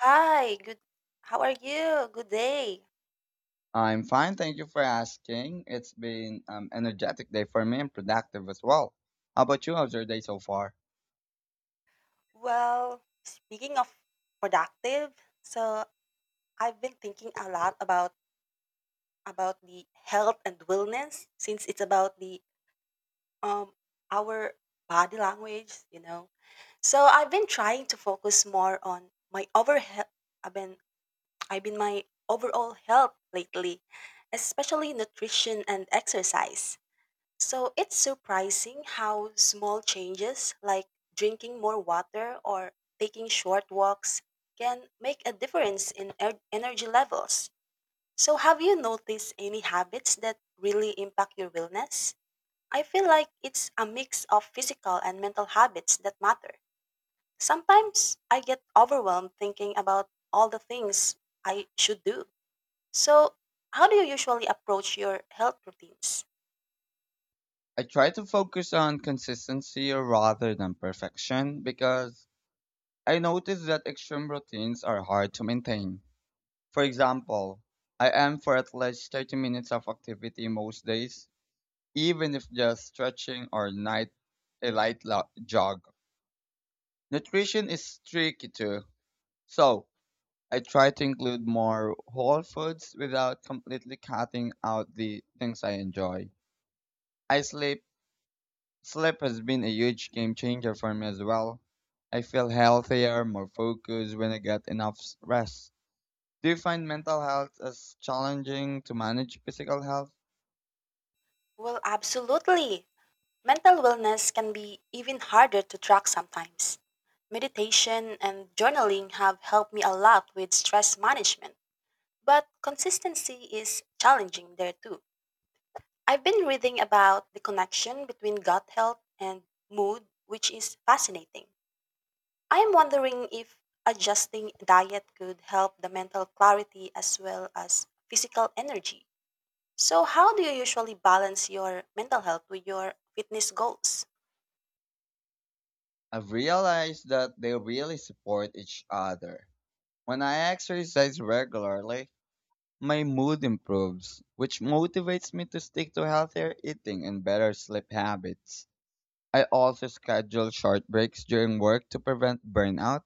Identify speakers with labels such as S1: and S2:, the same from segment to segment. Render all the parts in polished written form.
S1: Hi, good. How are you? Good day.
S2: I'm fine, thank you for asking. It's been energetic day for me and productive as well. How about you? How's your day so far?
S1: Well, speaking of productive, so I've been thinking a lot about the health and wellness since it's about the um our body language. So I've been trying to focus more on I've been I've been my overall health lately, especially nutrition and exercise. So it's surprising how small changes like drinking more water or taking short walks can make a difference in energy levels. So, have you noticed any habits that really impact your wellness? I feel like it's a mix of physical and mental habits that matter. Sometimes I get overwhelmed thinking about all the things I should do. So, how do you usually approach your health routines?
S2: I try to focus on consistency rather than perfection because I notice that extreme routines are hard to maintain. For example, I aim for at least 30 minutes of activity most days, even if just stretching or night a light jog. Nutrition is tricky too. So, I try to include more whole foods without completely cutting out the things I enjoy. I sleep. Sleep has been a huge game changer for me as well. I feel healthier, more focused when I get enough rest. Do you find mental health as challenging to manage physical health?
S1: Well, absolutely. Mental wellness can be even harder to track sometimes. Meditation and journaling have helped me a lot with stress management, but consistency is challenging there too. I've been reading about the connection between gut health and mood, which is fascinating. I am wondering if adjusting diet could help the mental clarity as well as physical energy. So, how do you usually balance your mental health with your fitness goals?
S2: I've realized that they really support each other. When I exercise regularly, my mood improves, which motivates me to stick to healthier eating and better sleep habits. I also schedule short breaks during work to prevent burnout,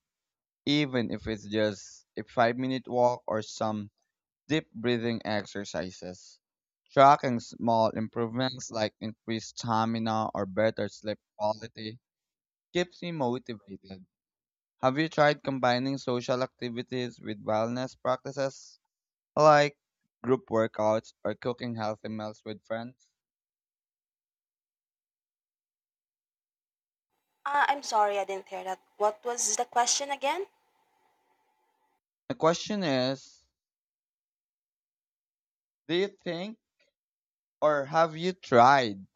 S2: even if it's just a 5 minute walk or some deep breathing exercises. Tracking small improvements like increased stamina or better sleep quality keeps me motivated. Have you tried combining social activities with wellness practices like group workouts or cooking healthy meals with friends?
S1: I'm sorry, I didn't hear that. What was the question again?
S2: The question is, do you think, or have you tried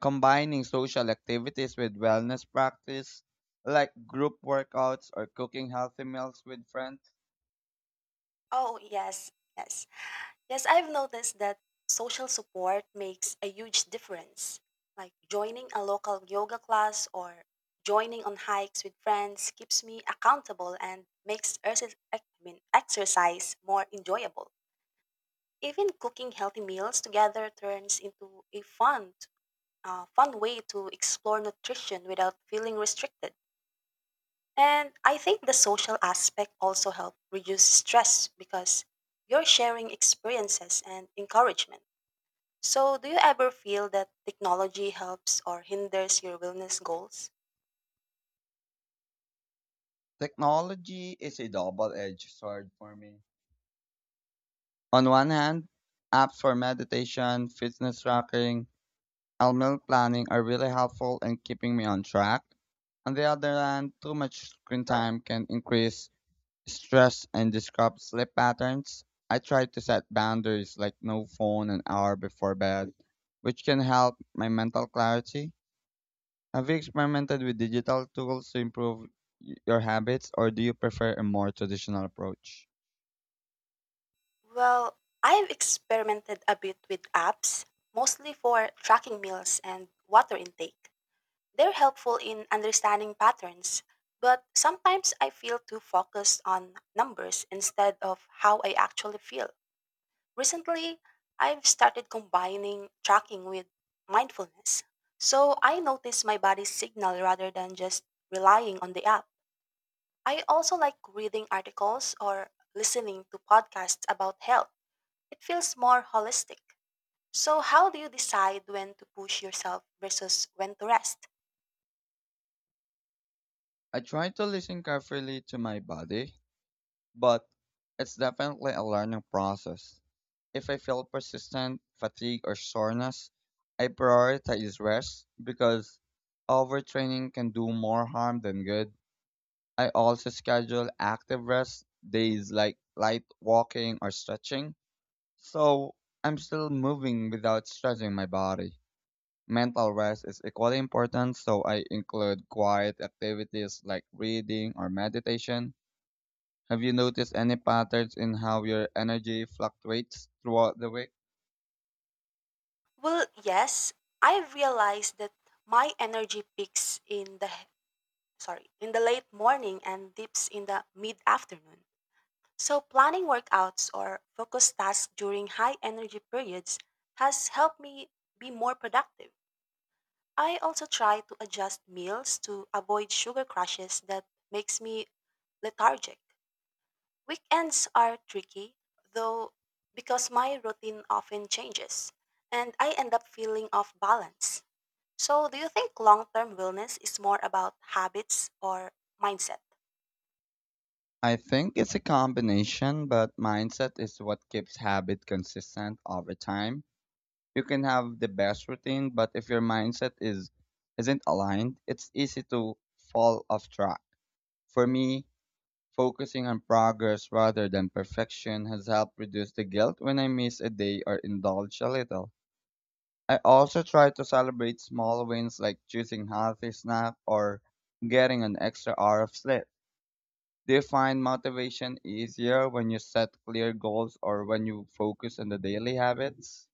S2: combining social activities with wellness practice, like group workouts or cooking healthy meals with friends?
S1: Oh, yes, yes. Yes, I've noticed that social support makes a huge difference. Like joining a local yoga class or joining on hikes with friends keeps me accountable and makes exercise more enjoyable. Even cooking healthy meals together turns into a fun way to explore nutrition without feeling restricted. And I think the social aspect also helps reduce stress because you're sharing experiences and encouragement. So, do you ever feel that technology helps or hinders your wellness goals?
S2: Technology is a double edged sword for me. On one hand, apps for meditation, fitness tracking, and meal planning are really helpful in keeping me on track. On the other hand, too much screen time can increase stress and disrupt sleep patterns. I try to set boundaries like no phone an hour before bed, which can help my mental clarity. Have you experimented with digital tools to improve your habits, or do you prefer a more traditional approach?
S1: Well, I've experimented a bit with apps, mostly for tracking meals and water intake. They're helpful in understanding patterns, but sometimes I feel too focused on numbers instead of how I actually feel. Recently, I've started combining tracking with mindfulness. So I notice my body's signal rather than just relying on the app. I also like reading articles or listening to podcasts about health. It feels more holistic. So, how do you decide when to push yourself versus when to rest?
S2: I try to listen carefully to my body, but it's definitely a learning process. If I feel persistent fatigue or soreness, I prioritize rest because overtraining can do more harm than good. I also schedule active rest days like light walking or stretching. So I'm still moving without stretching my body. Mental rest is equally important, so I include quiet activities like reading or meditation. Have you noticed any patterns in how your energy fluctuates throughout the week?
S1: Well, yes, I realized that my energy peaks in in the late morning and dips in the mid-afternoon. So, planning workouts or focused tasks during high energy periods has helped me be more productive. I also try to adjust meals to avoid sugar crashes that makes me lethargic. Weekends are tricky though because my routine often changes and I end up feeling off balance. So, do you think long-term wellness is more about habits or mindset?
S2: I think it's a combination, but mindset is what keeps habit consistent over time. You can have the best routine, but if your mindset is isn't aligned, it's easy to fall off track. For me, focusing on progress rather than perfection has helped reduce the guilt when I miss a day or indulge a little. I also try to celebrate small wins like choosing healthy snack or getting an extra hour of sleep. Do you find motivation easier when you set clear goals or when you focus on the daily habits?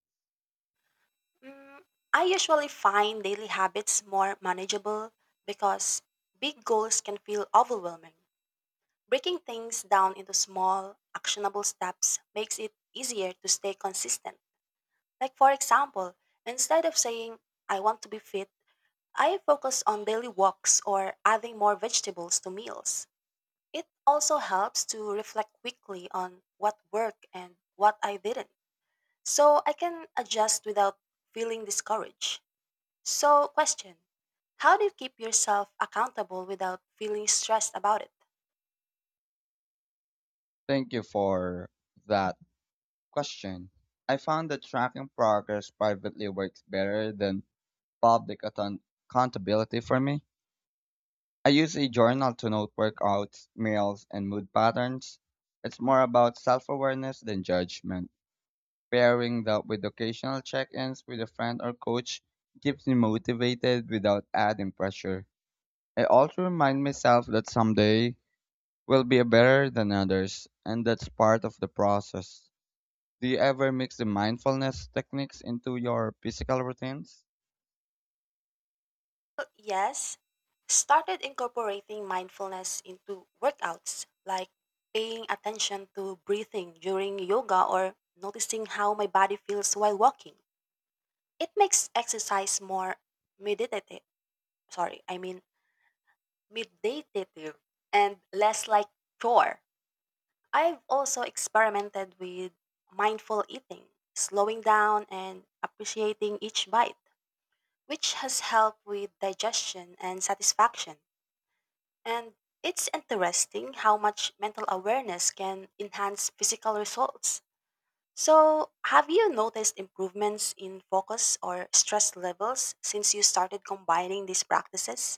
S1: Mm, I usually find daily habits more manageable because big goals can feel overwhelming. Breaking things down into small, actionable steps makes it easier to stay consistent. Like, for example, instead of saying, I want to be fit, I focus on daily walks or adding more vegetables to meals. It also helps to reflect quickly on what worked and what I didn't, so I can adjust without feeling discouraged. So, question. How do you keep yourself accountable without feeling stressed about it?
S2: Thank you for that question. I found that tracking progress privately works better than public account- accountability for me. I use a journal to note workouts, meals, and mood patterns. It's more about self awareness than judgment. Pairing that with occasional check ins with a friend or coach keeps me motivated without adding pressure. I also remind myself that someday will be better than others, and that's part of the process. Do you ever mix the mindfulness techniques into your physical routines?
S1: Well, yes, started incorporating mindfulness into workouts, like paying attention to breathing during yoga or noticing how my body feels while walking. It makes exercise more meditative, sorry, I mean meditative and less like chore. I've also experimented with mindful eating, slowing down and appreciating each bite, which has helped with digestion and satisfaction. And it's interesting how much mental awareness can enhance physical results. So, have you noticed improvements in focus or stress levels since you started combining these practices?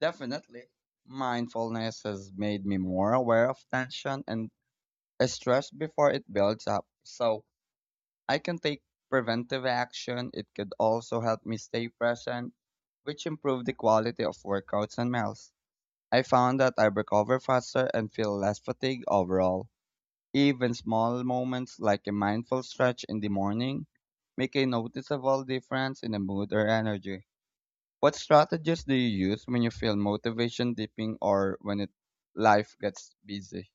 S2: Definitely. Mindfulness has made me more aware of tension and stress before it builds up. So I can take preventive action. It could also help me stay present, which improve the quality of workouts and meals. I found that I recover faster and feel less fatigued overall. Even small moments like a mindful stretch in the morning make a noticeable difference in the mood or energy. What strategies do you use when you feel motivation dipping or when it, life gets busy?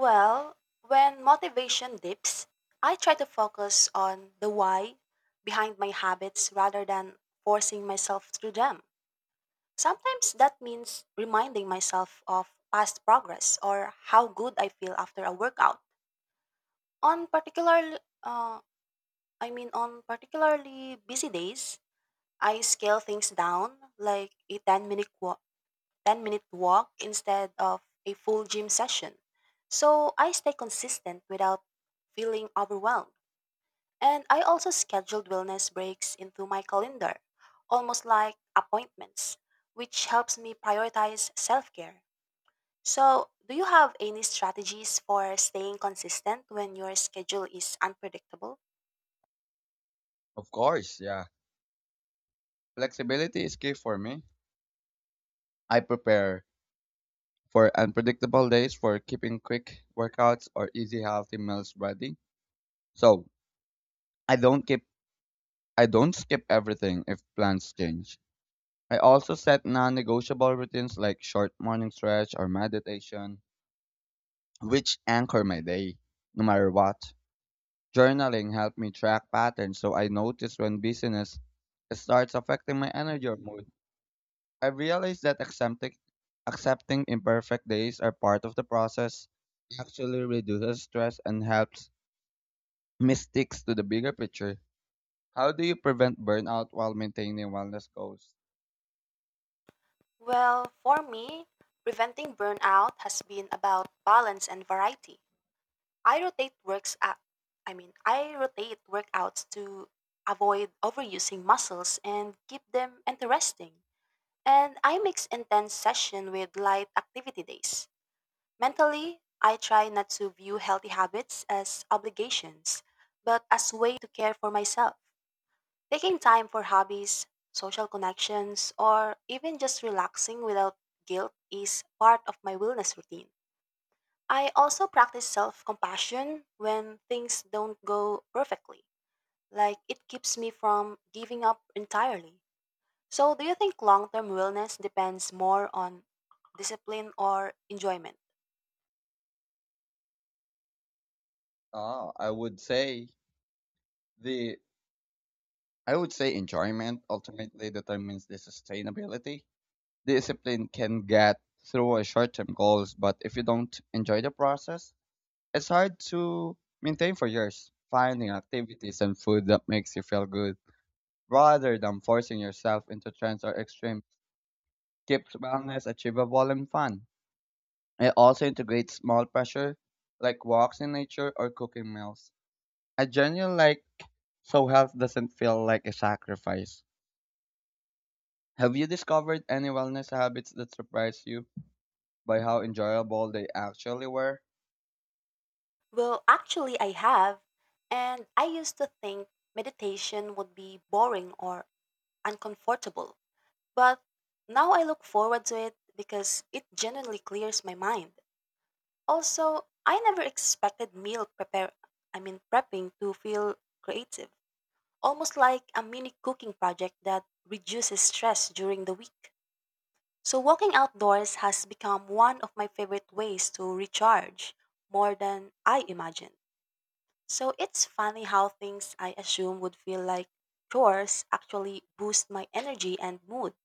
S1: Well, when motivation dips, I try to focus on the why behind my habits rather than forcing myself through them. Sometimes that means reminding myself of past progress or how good I feel after a workout. On particular, uh, on particularly busy days, I scale things down, like a 10 minute, wa- 10-minute walk instead of a full gym session. So I stay consistent without feeling overwhelmed. And I also scheduled wellness breaks into my calendar, almost like appointments, which helps me prioritize self care. So, do you have any strategies for staying consistent when your schedule is unpredictable?
S2: Of course, yeah. Flexibility is key for me. I prepare for unpredictable days for keeping quick workouts or easy healthy meals ready. So I don't keep I don't skip everything if plans change. I also set non-negotiable routines like short morning stretch or meditation, which anchor my day, no matter what. Journaling helped me track patterns so I notice when busyness starts affecting my energy or mood. I realized that accepting imperfect days are part of the process, actually reduces stress and helps me sticks to the bigger picture. How do you prevent burnout while maintaining wellness goals?
S1: Well, for me, preventing burnout has been about balance and variety. I rotate works out, I mean, I rotate workouts to avoid overusing muscles and keep them interesting. And I mix intense session with light activity days. Mentally, I try not to view healthy habits as obligations, but as way to care for myself. Taking time for hobbies, social connections, or even just relaxing without guilt is part of my wellness routine. I also practice self compassion when things don't go perfectly. Like, it keeps me from giving up entirely. So, do you think long term wellness depends more on discipline or enjoyment?
S2: Oh, the I would say enjoyment ultimately determines the sustainability. Discipline can get through short term goals, but if you don't enjoy the process, it's hard to maintain for years. Finding activities and food that makes you feel good rather than forcing yourself into trends or extremes keeps wellness achievable and fun. It also integrates small pressure like walks in nature or cooking meals. A genuine like so health doesn't feel like a sacrifice. Have you discovered any wellness habits that surprised you by how enjoyable they actually were?
S1: Well, actually, I have. And I used to think meditation would be boring or uncomfortable. But now I look forward to it because it genuinely clears my mind. Also, I never expected meal prepare I mean prepping to feel creative, almost like a mini cooking project that reduces stress during the week. So walking outdoors has become one of my favorite ways to recharge more than I imagined. So it's funny how things I assume would feel like chores actually boost my energy and mood.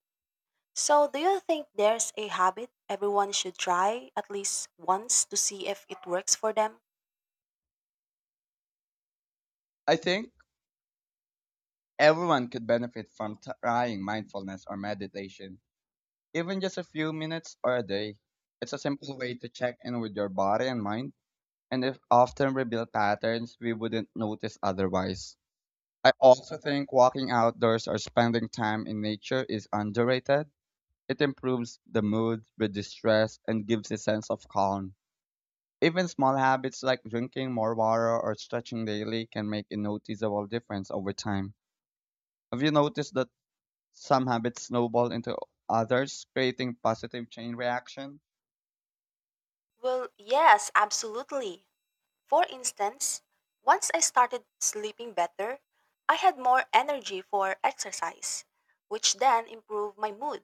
S1: So do you think there's a habit everyone should try at least once to see if it works for them?
S2: I think everyone could benefit from trying mindfulness or meditation, even just a few minutes or a day. It's a simple way to check in with your body and mind, and it often reveal patterns we wouldn't notice otherwise. I also think walking outdoors or spending time in nature is underrated. It improves the mood, reduces stress, and gives a sense of calm. Even small habits like drinking more water or stretching daily can make a noticeable difference over time. Have you noticed that some habits snowball into others, creating positive chain reaction?
S1: Well, yes, absolutely. For instance, once I started sleeping better, I had more energy for exercise, which then improved my mood,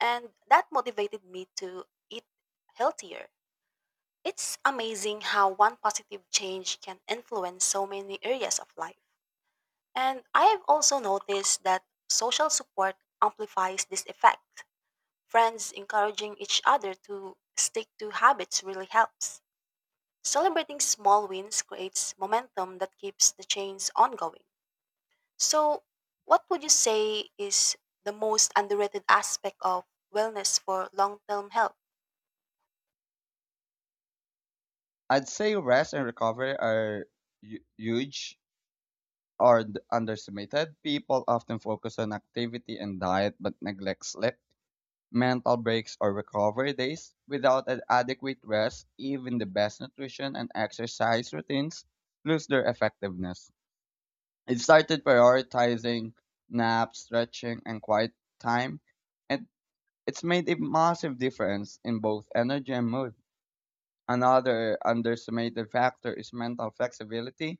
S1: and that motivated me to eat healthier. It's amazing how one positive change can influence so many areas of life. And I have also noticed that social support amplifies this effect. Friends encouraging each other to stick to habits really helps. Celebrating small wins creates momentum that keeps the chains ongoing. So, what would you say is the most underrated aspect of wellness for long term health?
S2: I'd say rest and recovery are huge or underestimated. People often focus on activity and diet but neglect sleep, mental breaks or recovery days. Without an adequate rest, even the best nutrition and exercise routines lose their effectiveness. I started prioritizing naps, stretching, and quiet time, and it's made a massive difference in both energy and mood. Another underestimated factor is mental flexibility.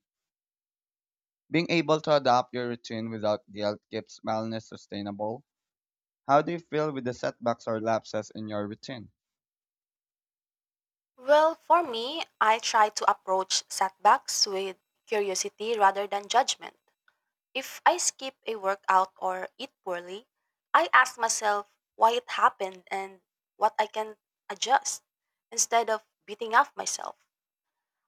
S2: Being able to adapt your routine without guilt keeps wellness sustainable. How do you feel with the setbacks or lapses in your routine?
S1: Well, for me, I try to approach setbacks with curiosity rather than judgment. If I skip a workout or eat poorly, I ask myself why it happened and what I can adjust instead of beating up myself.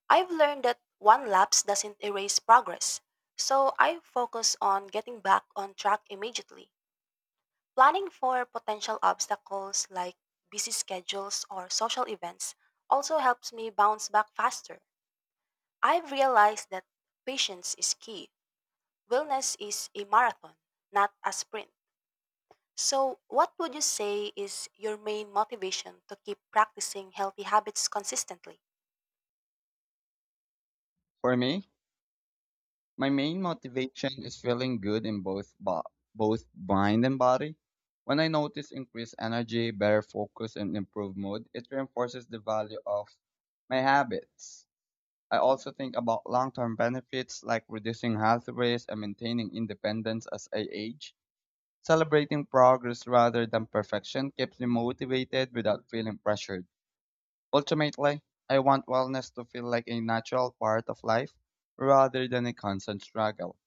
S1: I've learned that one lapse doesn't erase progress, so I focus on getting back on track immediately. Planning for potential obstacles like busy schedules or social events also helps me bounce back faster. I've realized that patience is key. Wellness is a marathon, not a sprint. So, what would you say is your main motivation to keep practicing healthy habits consistently?
S2: For me, my main motivation is feeling good in both mind and body. When I notice increased energy, better focus, and improved mood, it reinforces the value of my habits. I also think about long-term benefits like reducing health risks and maintaining independence as I age. Celebrating progress rather than perfection keeps me motivated without feeling pressured. Ultimately, I want wellness to feel like a natural part of life rather than a constant struggle.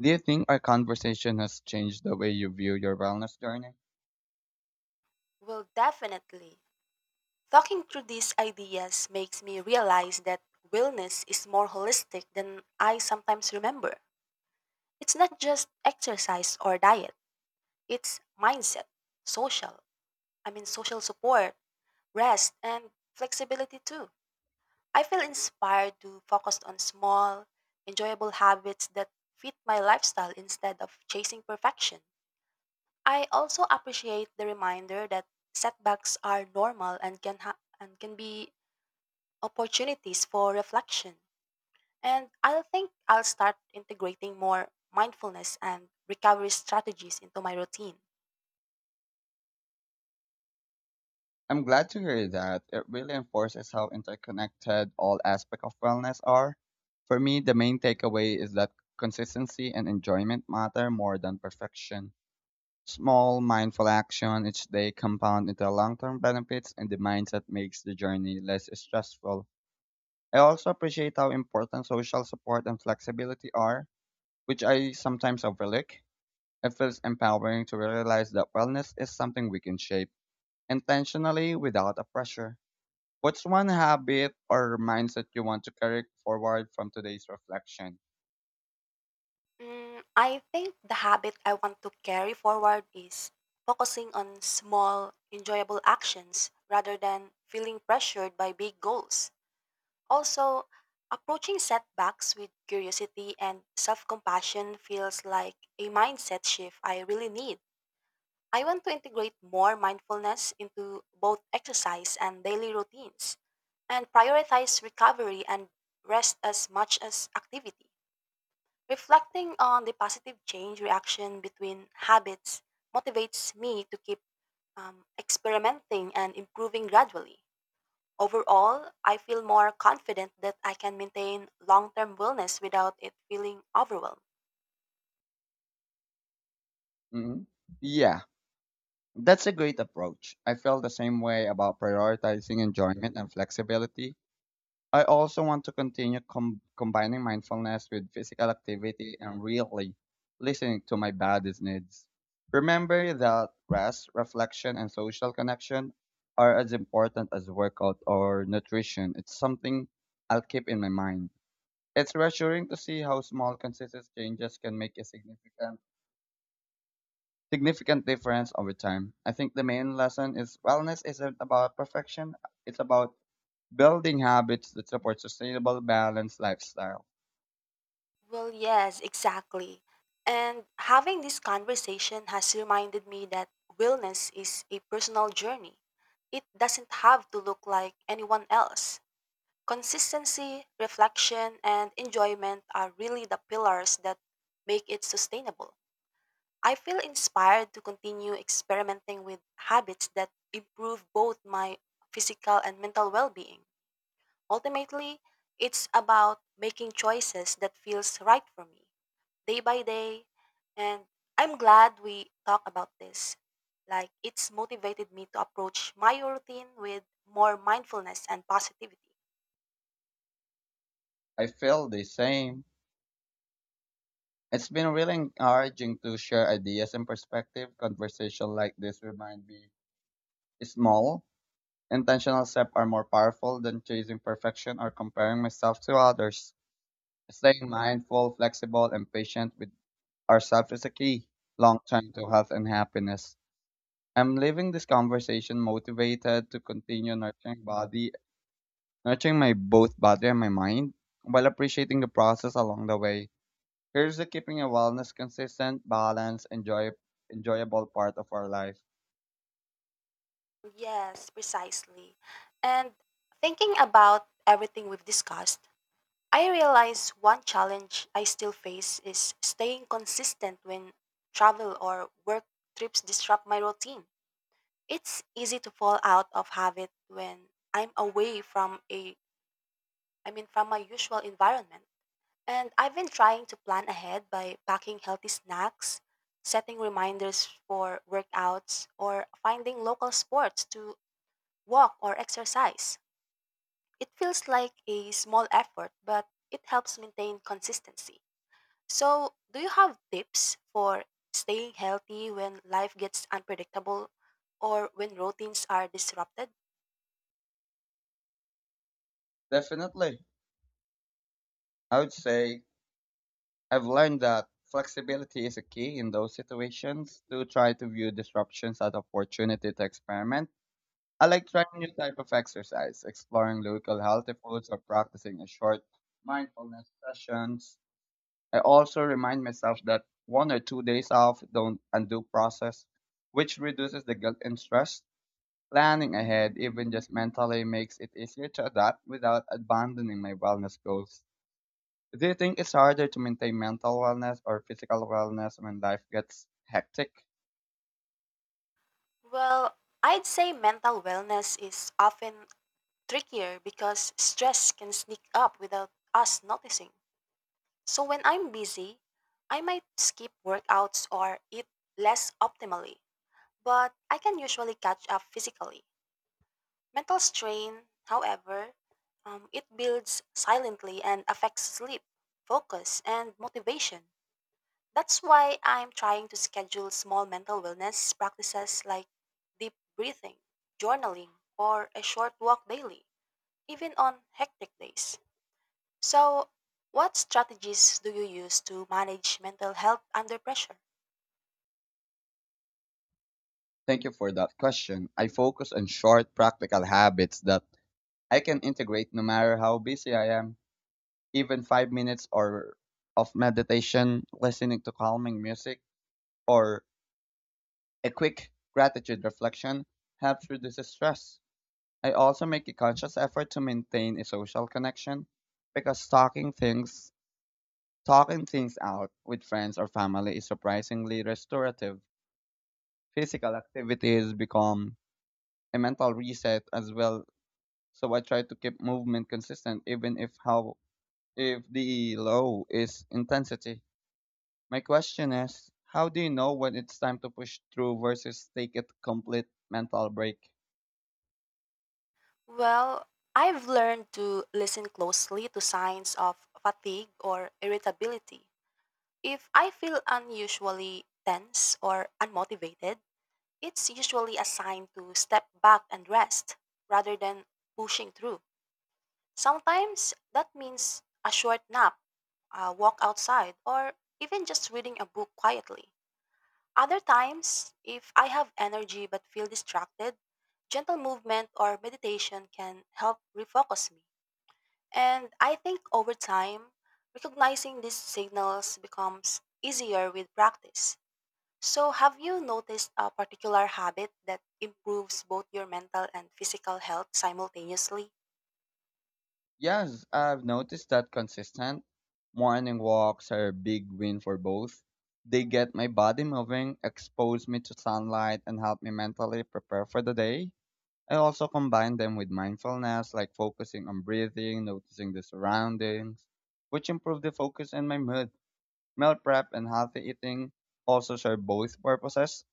S2: Do you think our conversation has changed the way you view your wellness journey?
S1: Well, definitely. Talking through these ideas makes me realize that wellness is more holistic than I sometimes remember. It's not just exercise or diet, it's mindset, social, social support, rest, and flexibility too. I feel inspired to focus on small, enjoyable habits that fit my lifestyle instead of chasing perfection. I also appreciate the reminder that setbacks are normal and can be opportunities for reflection. And I think I'll start integrating more mindfulness and recovery strategies into my routine.
S2: I'm glad to hear that. It really enforces how interconnected all aspects of wellness are. For me, the main takeaway is that consistency and enjoyment matter more than perfection. Small, mindful action each day compound into long term benefits, and the mindset makes the journey less stressful. I also appreciate how important social support and flexibility are, which I sometimes overlook. It feels empowering to realize that wellness is something we can shape intentionally without a pressure. What's one habit or mindset you want to carry forward from today's reflection?
S1: I think the habit I want to carry forward is focusing on small, enjoyable actions rather than feeling pressured by big goals. Also, approaching setbacks with curiosity and self compassion feels like a mindset shift I really need. I want to integrate more mindfulness into both exercise and daily routines and prioritize recovery and rest as much as activity. Reflecting on the positive change reaction between habits motivates me to keep experimenting and improving gradually. Overall, I feel more confident that I can maintain long term wellness without it feeling overwhelmed.
S2: hmm Yeah, that's a great approach. I feel the same way about prioritizing enjoyment and flexibility. I also want to continue combining mindfulness with physical activity and really listening to my body's needs. Remember that rest, reflection, and social connection are as important as workout or nutrition. It's something I'll keep in my mind. It's reassuring to see how small, consistent changes can make a significant difference over time. I think the main lesson is wellness isn't about perfection. It's about building habits that support sustainable, balanced lifestyle.
S1: Well, yes, exactly. And having this conversation has reminded me that wellness is a personal journey. It doesn't have to look like anyone else. Consistency, reflection, and enjoyment are really the pillars that make it sustainable. I feel inspired to continue experimenting with habits that improve both my physical and mental well being. Ultimately, it's about making choices that feels right for me day by day. And I'm glad we talk about this. Like it's motivated me to approach my routine with more mindfulness and positivity.
S2: I feel the same. It's been really encouraging to share ideas and perspective. Conversation like this remind me small, intentional steps are more powerful than chasing perfection or comparing myself to others. Staying mindful, flexible, and patient with ourselves is a key long term to health and happiness. I'm leaving this conversation motivated to continue nurturing my both body and my mind while appreciating the process along the way. Here's to keeping a wellness consistent, balanced, enjoyable part of our life.
S1: Yes, precisely. And thinking about everything we've discussed, I realize one challenge I still face is staying consistent when travel or work trips disrupt my routine. It's easy to fall out of habit when I'm away from my usual environment. And I've been trying to plan ahead by packing healthy snacks, setting reminders for workouts, or finding local sports to walk or exercise. It feels like a small effort, but it helps maintain consistency. So, do you have tips for staying healthy when life gets unpredictable or when routines are disrupted?
S2: Definitely. I would say I've learned that flexibility is a key in those situations to try to view disruptions as opportunity to experiment. I like trying new type of exercise, exploring local healthy foods or practicing a short mindfulness sessions. I also remind myself that one or two days off don't undo process, which reduces the guilt and stress. Planning ahead, even just mentally, makes it easier to adapt without abandoning my wellness goals. Do you think it's harder to maintain mental wellness or physical wellness when life gets hectic?
S1: Well, I'd say mental wellness is often trickier because stress can sneak up without us noticing. So when I'm busy, I might skip workouts or eat less optimally, but I can usually catch up physically. Mental strain, however, it builds silently and affects sleep, focus, and motivation. That's why I'm trying to schedule small mental wellness practices like deep breathing, journaling, or a short walk daily, even on hectic days. So, what strategies do you use to manage mental health under pressure?
S2: Thank you for that question. I focus on short, practical habits that I can integrate no matter how busy I am. Even 5 minutes or of meditation, listening to calming music, or a quick gratitude reflection helps reduce stress. I also make a conscious effort to maintain a social connection because talking things out with friends or family is surprisingly restorative. Physical activities become a mental reset as well, so I try to keep movement consistent even if how if the low is intensity. My question is, how do you know when it's time to push through versus take a complete mental break?
S1: Well, I've learned to listen closely to signs of fatigue or irritability. If I feel unusually tense or unmotivated, it's usually a sign to step back and rest rather than pushing through. Sometimes that means a short nap, a walk outside, or even just reading a book quietly. Other times, if I have energy but feel distracted, gentle movement or meditation can help refocus me. And I think over time, recognizing these signals becomes easier with practice. So, have you noticed a particular habit that improves both your mental and physical health simultaneously?
S2: Yes, I've noticed that consistent morning walks are a big win for both. They get my body moving, expose me to sunlight, and help me mentally prepare for the day. I also combine them with mindfulness, like focusing on breathing, noticing the surroundings, which improve the focus and my mood. Meal prep and healthy eating also serve both purposes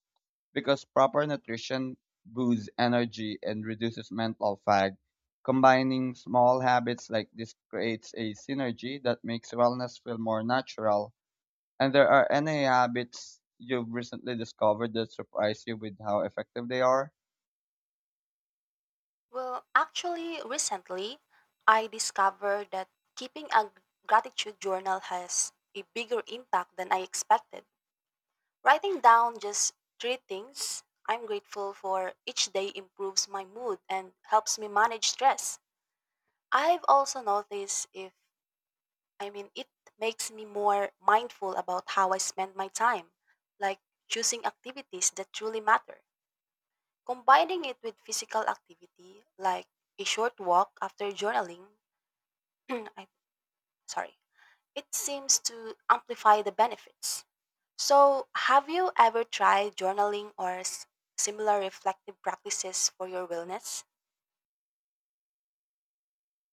S2: because proper nutrition boosts energy and reduces mental fag. Combining small habits like this creates a synergy that makes wellness feel more natural. And there are any habits you've recently discovered that surprise you with how effective they are?
S1: Well, actually, recently, I discovered that keeping a gratitude journal has a bigger impact than I expected. Writing down just three things I'm grateful for each day improves my mood and helps me manage stress. I've also noticed if, I mean, it makes me more mindful about how I spend my time, like choosing activities that truly matter. Combining it with physical activity, like a short walk after journaling, I, sorry, it seems to amplify the benefits. So, have you ever tried journaling or similar reflective practices for your wellness?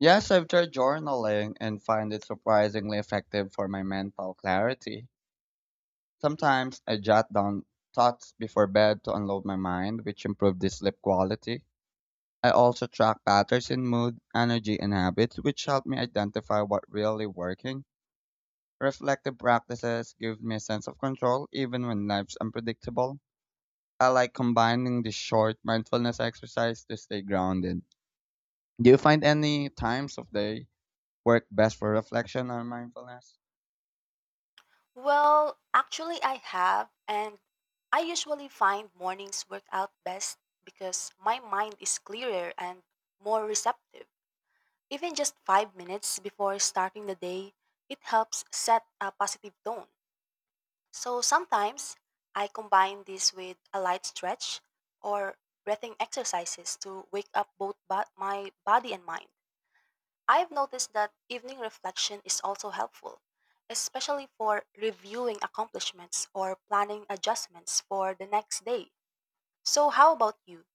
S2: Yes, I've tried journaling and find it surprisingly effective for my mental clarity. Sometimes I jot down thoughts before bed to unload my mind, which improves the sleep quality. I also track patterns in mood, energy, and habits, which help me identify what really working. Reflective practices give me a sense of control even when life's unpredictable. I like combining the short mindfulness exercise to stay grounded. Do you find any times of day work best for reflection or mindfulness?
S1: Well, actually, I have, and I usually find mornings work out best because my mind is clearer and more receptive. Even just 5 minutes before starting the day, it helps set a positive tone. So, sometimes I combine this with a light stretch or breathing exercises to wake up my body and mind. I've noticed that evening reflection is also helpful, especially for reviewing accomplishments or planning adjustments for the next day. So, how about you?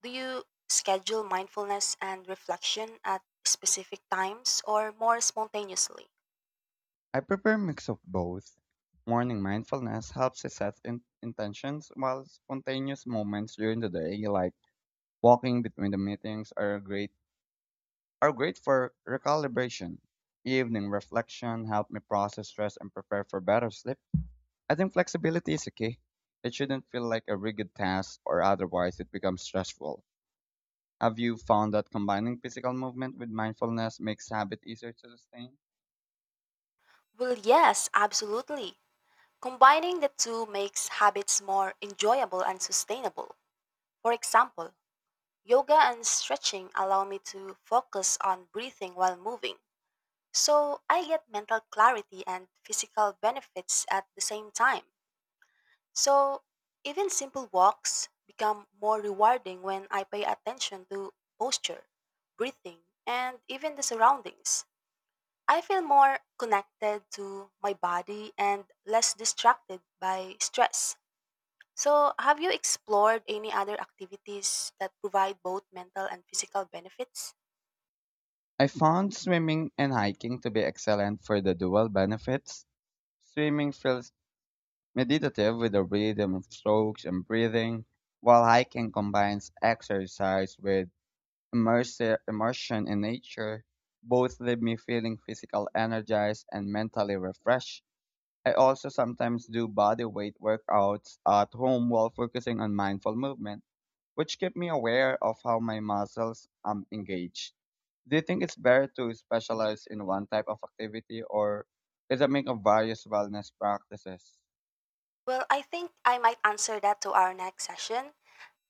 S1: Do you schedule mindfulness and reflection at specific times or more spontaneously?
S2: I prefer a mix of both. Morning mindfulness helps to set intentions, while spontaneous moments during the day, like walking between the meetings, are great for recalibration. Evening reflection helped me process stress and prepare for better sleep. I think flexibility is a key. It shouldn't feel like a rigid task or otherwise it becomes stressful. Have you found that combining physical movement with mindfulness makes habit easier to sustain?
S1: Well, yes, absolutely. Combining the two makes habits more enjoyable and sustainable. For example, yoga and stretching allow me to focus on breathing while moving. So I get mental clarity and physical benefits at the same time. So even simple walks become more rewarding when I pay attention to posture, breathing, and even the surroundings. I feel more connected to my body and less distracted by stress. So, have you explored any other activities that provide both mental and physical benefits?
S2: I found swimming and hiking to be excellent for the dual benefits. Swimming feels meditative with the rhythm of strokes and breathing, while hiking combines exercise with immersion in nature. Both leave me feeling physical energized and mentally refreshed. I also sometimes do body weight workouts at home while focusing on mindful movement, which keep me aware of how my muscles engage. Do you think it's better to specialize in one type of activity or is a mix of various wellness practices?
S1: Well, I think I might answer that to our next session.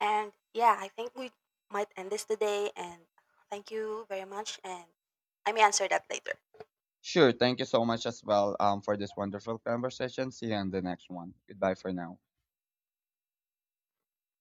S1: And yeah, I think we might end this today. And thank you very much. And I may answer that later.
S2: Sure, thank you so much as well for this wonderful conversation. See you in the next one. Goodbye for now.